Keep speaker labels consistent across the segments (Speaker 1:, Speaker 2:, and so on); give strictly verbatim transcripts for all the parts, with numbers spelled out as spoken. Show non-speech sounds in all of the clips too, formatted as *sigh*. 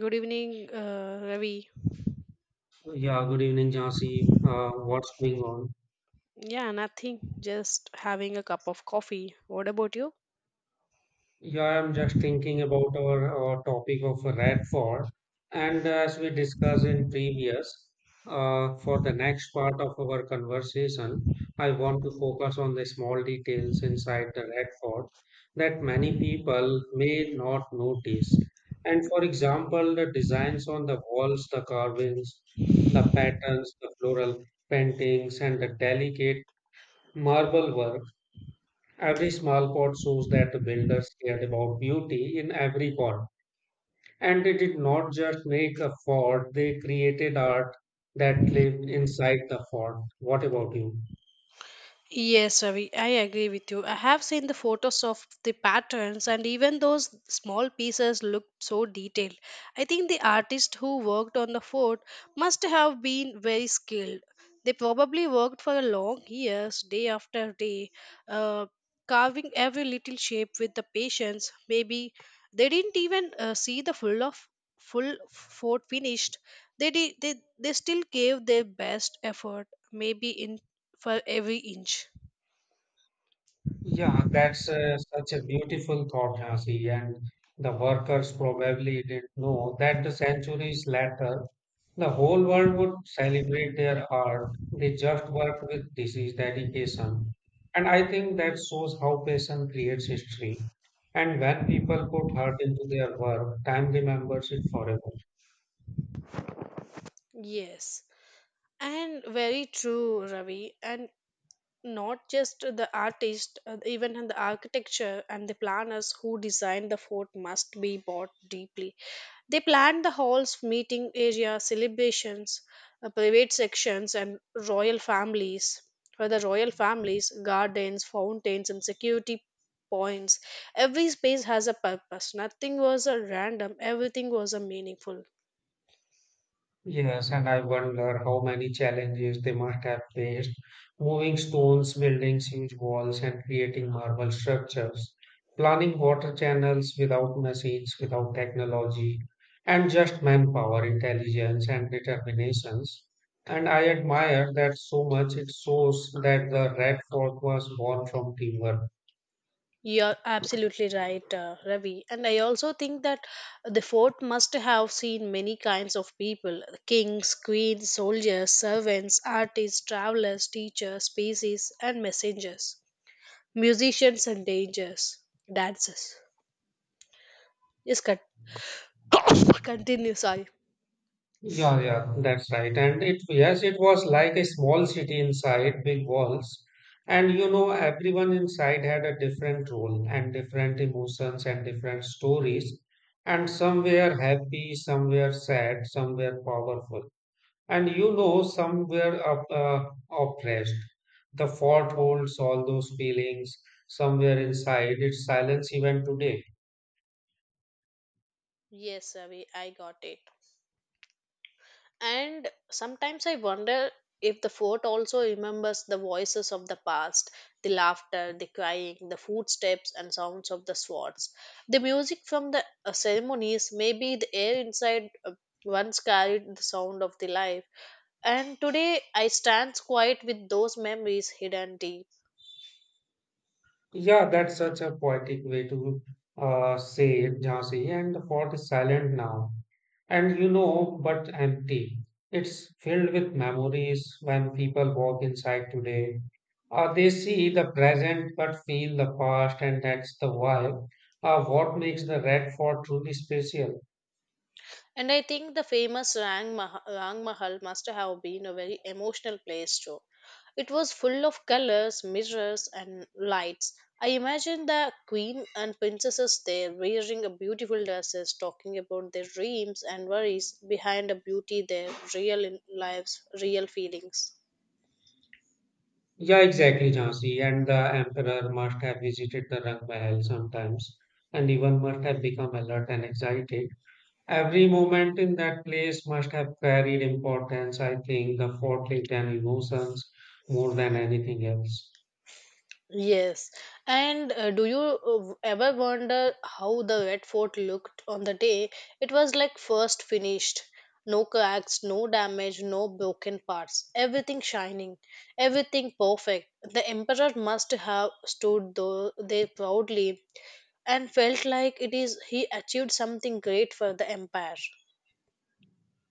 Speaker 1: Good evening, uh, Ravi.
Speaker 2: Yeah, good evening, Jansi. Uh, what's going on?
Speaker 1: Yeah, nothing. Just having a cup of coffee. What about you?
Speaker 2: Yeah, I'm just thinking about our, our topic of Radford. And as we discussed in previous, uh, for the next part of our conversation, I want to focus on the small details inside the Radford that many people may not notice. And for example, the designs on the walls, the carvings, the patterns, the floral paintings, and the delicate marble work. Every small pot shows that the builders cared about beauty in every form, and they did not just make a fort, they created art that lived inside the fort. What about you?
Speaker 1: Yes, Ravi, I agree with you. I have seen the photos of the patterns, and even those small pieces looked so detailed. I think the artist who worked on the fort must have been very skilled. They probably worked for long years, day after day, uh, carving every little shape with the patience. Maybe they didn't even uh, see the full of full fort finished. They did, they they still gave their best effort, maybe in for every inch.
Speaker 2: Yeah, that's uh, such a beautiful thought, Hansi. And the workers probably didn't know that the centuries later the whole world would celebrate their art. They just worked with disease dedication. And I think that shows how passion creates history. And when people put heart into their work, time remembers it forever.
Speaker 1: Yes, and very true, Ravi. And not just the artist, uh, even in the architecture and the planners who designed the fort must be bought deeply. They planned the halls, meeting areas, celebrations, uh, private sections, and royal families. For the royal families, gardens, fountains, and security points. Every space has a purpose. Nothing was a random, everything was a meaningful.
Speaker 2: Yes, and I wonder how many challenges they must have faced moving stones, building huge walls, and creating marble structures, planning water channels without machines, without technology, and just manpower, intelligence, and determinations. And I admire that so much. It shows that the Red Fort was born from teamwork.
Speaker 1: You're absolutely right, uh, Ravi. And I also think that the fort must have seen many kinds of people kings, queens, soldiers, servants, artists, travelers, teachers, species, and messengers, musicians and dangers, dancers. Yes, con- *coughs* continue, sorry.
Speaker 2: Yeah, yeah, that's right. And it, yes, it was like a small city inside big walls. And you know, everyone inside had a different role and different emotions and different stories. And some were happy, some were sad, some were powerful. And you know, some were op- uh, oppressed. The fort holds all those feelings somewhere inside its silence even today.
Speaker 1: Yes, Ravi, I got it. And sometimes I wonder if the fort also remembers the voices of the past, the laughter, the crying, the footsteps and sounds of the swords. The music from the uh, ceremonies, maybe the air inside uh, once carried the sound of the life. And today I stand quiet with those memories hidden deep.
Speaker 2: Yeah, that's such a poetic way to uh, say it, Jhansi. And the fort is silent now, and you know, but empty. It's filled with memories when people walk inside today. Uh, they see the present but feel the past, and that's the vibe. Uh, what makes the Red Fort truly special?
Speaker 1: And I think the famous Rang, Mah- Rang Mahal must have been a very emotional place too. It was full of colors, mirrors, and lights. I imagine the queen and princesses there wearing a beautiful dresses, talking about their dreams and worries behind a beauty, their real in- lives, real feelings.
Speaker 2: Yeah, exactly, Jhansi. And the emperor must have visited the Rang Mahal sometimes, and even must have become alert and excited. Every moment in that place must have carried importance, I think, the conflict and emotions more than anything else.
Speaker 1: Yes. And uh, do you uh, ever wonder how the wet fort looked on the day it was like first finished? No cracks, no damage, no broken parts. Everything shining, everything perfect. The emperor must have stood tho- there proudly and felt like it is he achieved something great for the empire.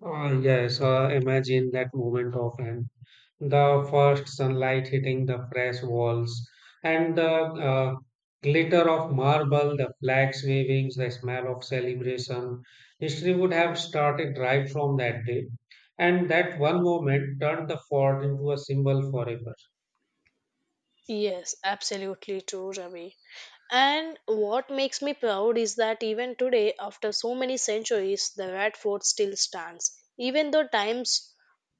Speaker 2: Uh, yes, uh, imagine that moment often. The first sunlight hitting the fresh walls, and the uh, glitter of marble, the flags waving, the smell of celebration. History would have started right from that day, and that one moment turned the fort into a symbol forever.
Speaker 1: Yes, absolutely true, Ravi. And what makes me proud is that even today, after so many centuries, the Red Fort still stands. Even though times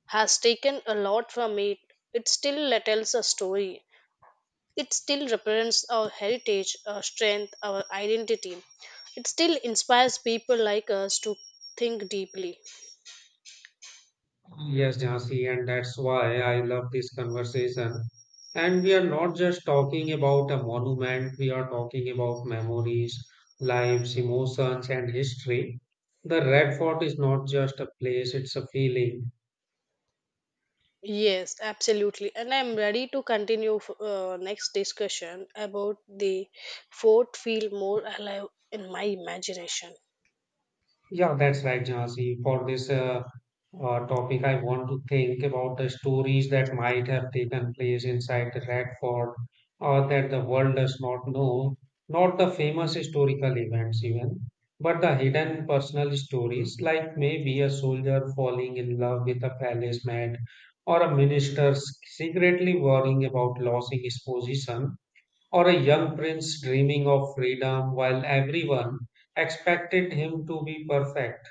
Speaker 1: has taken a lot from it, it still tells a story. It still represents our heritage, our strength, our identity. It still inspires people like us to think deeply.
Speaker 2: Yes, Jhansi, and that's why I love this conversation. And we are not just talking about a monument, we are talking about memories, lives, emotions, and history. The Red Fort is not just a place, it's a feeling.
Speaker 1: Yes, absolutely. And I'm ready to continue f- uh, next discussion about the fort feel more alive in my imagination.
Speaker 2: Yeah, that's right, Jhansi. For this uh, uh, topic, I want to think about the stories that might have taken place inside the Red Fort or that the world does not know, not the famous historical events even, but the hidden personal stories, like maybe a soldier falling in love with a palace maid or a minister s- secretly worrying about losing his position or a young prince dreaming of freedom while everyone expected him to be perfect.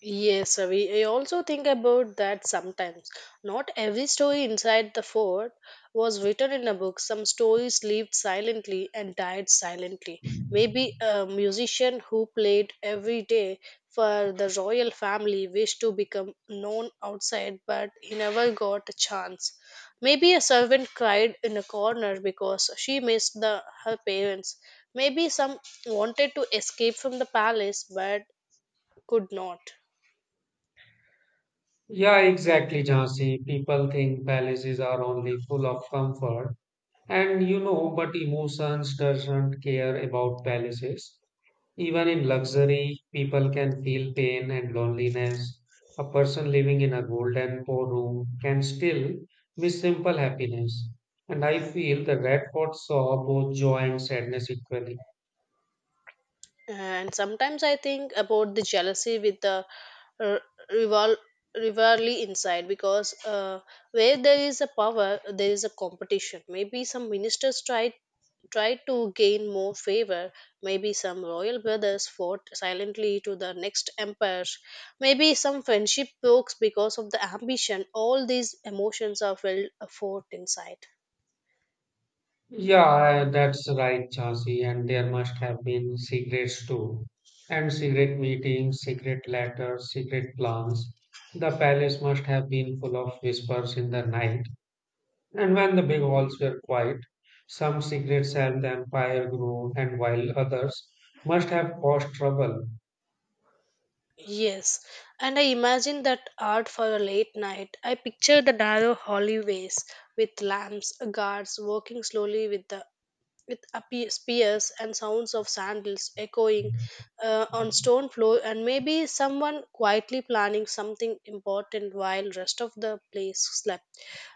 Speaker 1: Yes, Avi. I also think about that sometimes. Not every story inside the fort was written in a book. Some stories lived silently and died silently. Maybe a musician who played every day for the royal family wished to become known outside, but he never got a chance. Maybe a servant cried in a corner because she missed the, her parents. Maybe some wanted to escape from the palace but could not.
Speaker 2: Yeah, exactly, Jhansi. People think palaces are only full of comfort. And you know, but emotions doesn't care about palaces. Even in luxury, people can feel pain and loneliness. A person living in a golden poor room can still miss simple happiness. And I feel the Red Fort saw both joy and sadness equally.
Speaker 1: And sometimes I think about the jealousy with the uh, rival rivalry inside because uh, where there is a power, there is a competition. Maybe some ministers tried tried to gain more favor. Maybe some royal brothers fought silently to the next emperors. Maybe some friendship broke because of the ambition. All these emotions are felt uh, fought inside.
Speaker 2: Yeah, I- that's right, Chasi. And there must have been secrets too. And secret meetings, secret letters, secret plans. The palace must have been full of whispers in the night. And when the big halls were quiet, some secrets helped the empire grow, and while others must have caused trouble.
Speaker 1: Yes, and I imagine that art for a late night. I picture the narrow hallways with lamps, guards walking slowly with the with appe- spears and sounds of sandals echoing uh, on stone floor, and maybe someone quietly planning something important while rest of the place slept.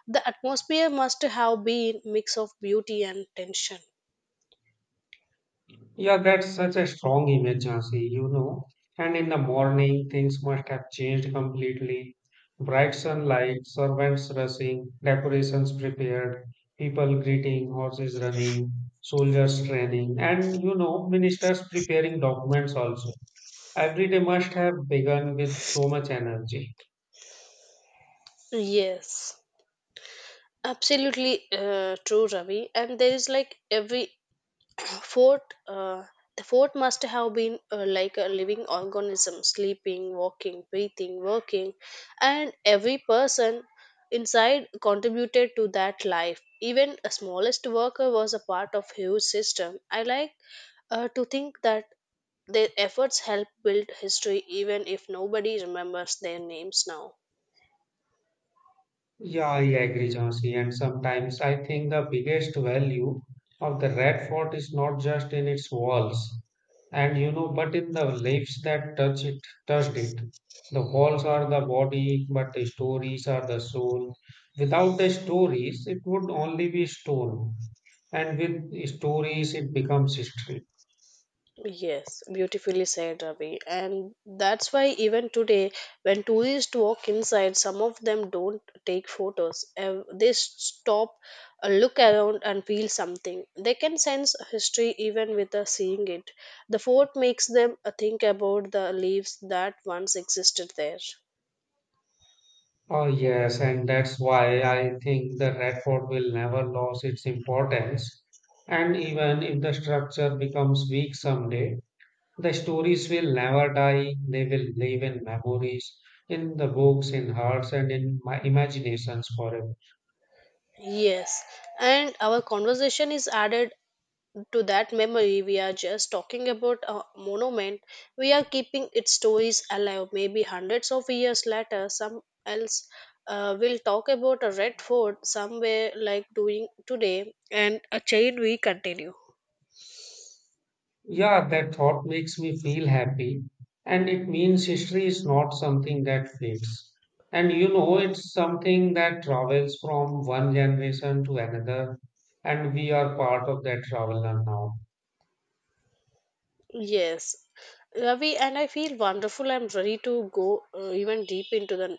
Speaker 1: The atmosphere must have been mix of beauty and tension.
Speaker 2: Yeah, that's such a strong image, Jhansi, you know. And in the morning, things must have changed completely. Bright sunlight, servants rushing, decorations prepared, people greeting, horses running, soldiers training, and you know, ministers preparing documents also. Every day must have begun with so much energy.
Speaker 1: Yes, absolutely uh, true, Ravi. And there is like every fort uh, the fort must have been uh, like a living organism sleeping walking breathing working and every person inside contributed to that life even a smallest worker was a part of huge system I like uh, to think that their efforts help build history even if nobody remembers their names now.
Speaker 2: Yeah, I agree, Jhansi. And sometimes I think the biggest value of the Red Fort is not just in its walls, and you know, but in the lives that touch it, touched it. The walls are the body, but the stories are the soul. Without the stories, it would only be stone. And with stories, it becomes history.
Speaker 1: Yes, beautifully said, Ravi. And that's why even today, when tourists walk inside, some of them don't take photos. Uh, They stop, uh, look around, and feel something. They can sense history even without seeing it. The fort makes them uh, think about the leaves that once existed there.
Speaker 2: Oh, yes, and that's why I think the red fort will never lose its importance. And even if the structure becomes weak someday, the stories will never die. They will live in memories, in the books, in hearts, and in my imaginations forever.
Speaker 1: Yes, and our conversation is added to that memory, we are just talking about a monument, we are keeping its stories alive. Maybe hundreds of years later some else uh, will talk about a Red Fort somewhere like doing today, and a chain we continue.
Speaker 2: Yeah, that thought makes me feel happy, and it means history is not something that fades. And you know, it's something that travels from one generation to another, and we are part of that travel now.
Speaker 1: Yes, Ravi, and I feel wonderful. I'm ready to go uh, even deep into the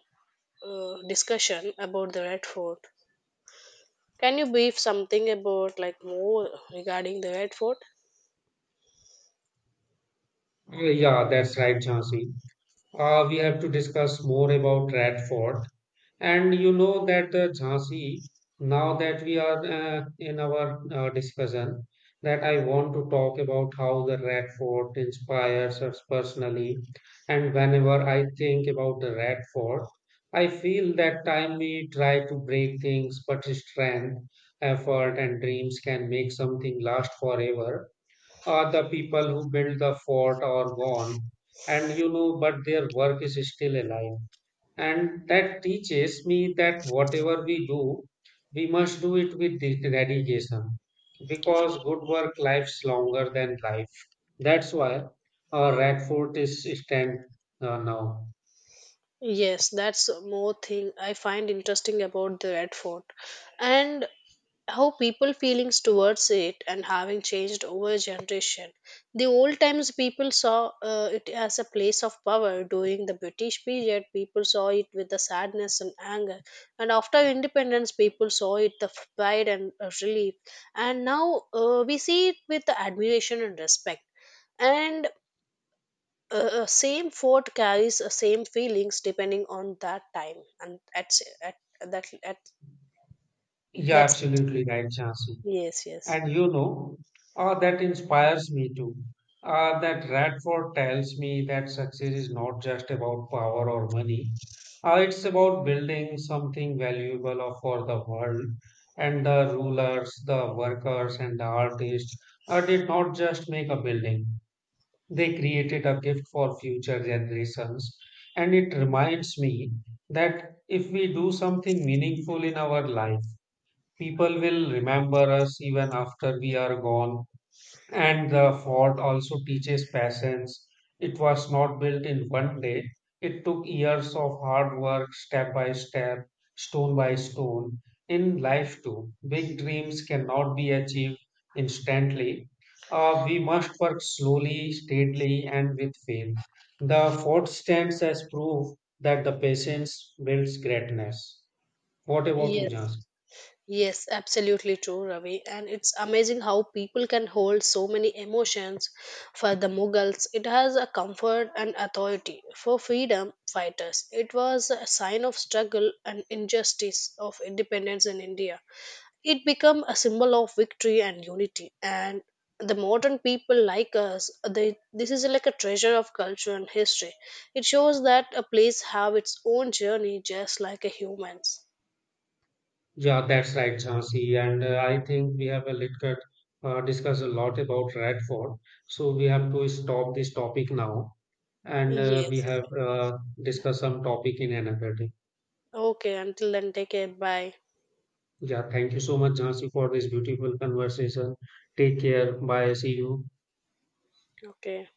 Speaker 1: uh, discussion about the Red Fort. Can you brief something about like more regarding the Red Fort?
Speaker 2: Uh, yeah, that's right, Jhansi. Uh, we have to discuss more about Red Fort. And you know that the Jhansi, now that we are uh, in our uh, discussion, that I want to talk about how the Red Fort inspires us personally. And whenever I think about the Red Fort, I feel that time we try to break things, but strength, effort, and dreams can make something last forever. Are the people who built the fort are gone, and you know, but their work is still alive and that teaches me that whatever we do, we must do it with de- dedication because good work lives longer than life. That's why uh, Radford is stand uh, now.
Speaker 1: Yes, that's more thing I find interesting about the Red Fort, and how people feelings towards it and having changed over generation. The old times people saw uh, it as a place of power. During the British period, people saw it with the sadness and anger, and after independence, people saw it the f- pride and uh, relief. And now uh, we see it with the admiration and respect. And uh, uh, same fort carries the same feelings depending on that time and at, at that at.
Speaker 2: Yeah,
Speaker 1: That's it.
Speaker 2: absolutely right, Chansi.
Speaker 1: yes yes
Speaker 2: And you know, uh, that inspires me too. Uh, that Radford tells me that success is not just about power or money. Uh, it's about building something valuable of- for the world. And the rulers, the workers, and the artists uh, did not just make a building, they created a gift for future generations. And it reminds me that if we do something meaningful in our life, people will remember us even after we are gone. And the fort also teaches patience. It was not built in one day. It took years of hard work, step by step, stone by stone. In life, too, big dreams cannot be achieved instantly. Uh, we must work slowly, steadily, and with faith. The fort stands as proof that the patience builds greatness. What about you,
Speaker 1: yes
Speaker 2: Jhansi?
Speaker 1: yes Absolutely true, Ravi, and it's amazing how people can hold so many emotions. For the Mughals it has a comfort and authority, for freedom fighters it was a sign of struggle and injustice of independence in India. It became a symbol of victory and unity. And the modern people like us, they this is like a treasure of culture and history. It shows that a place have its own journey, just like a humans.
Speaker 2: Yeah, that's right, Jhansi. And uh, I think we have a little bit, uh, discussed a lot about Red Fort. So we have to stop this topic now. And uh, we
Speaker 1: Yes.
Speaker 2: have uh, discussed some topic in another day.
Speaker 1: Okay. Until then, take care. Bye.
Speaker 2: Yeah, thank you so much, Jhansi, for this beautiful conversation. Take care. Bye. See you.
Speaker 1: Okay.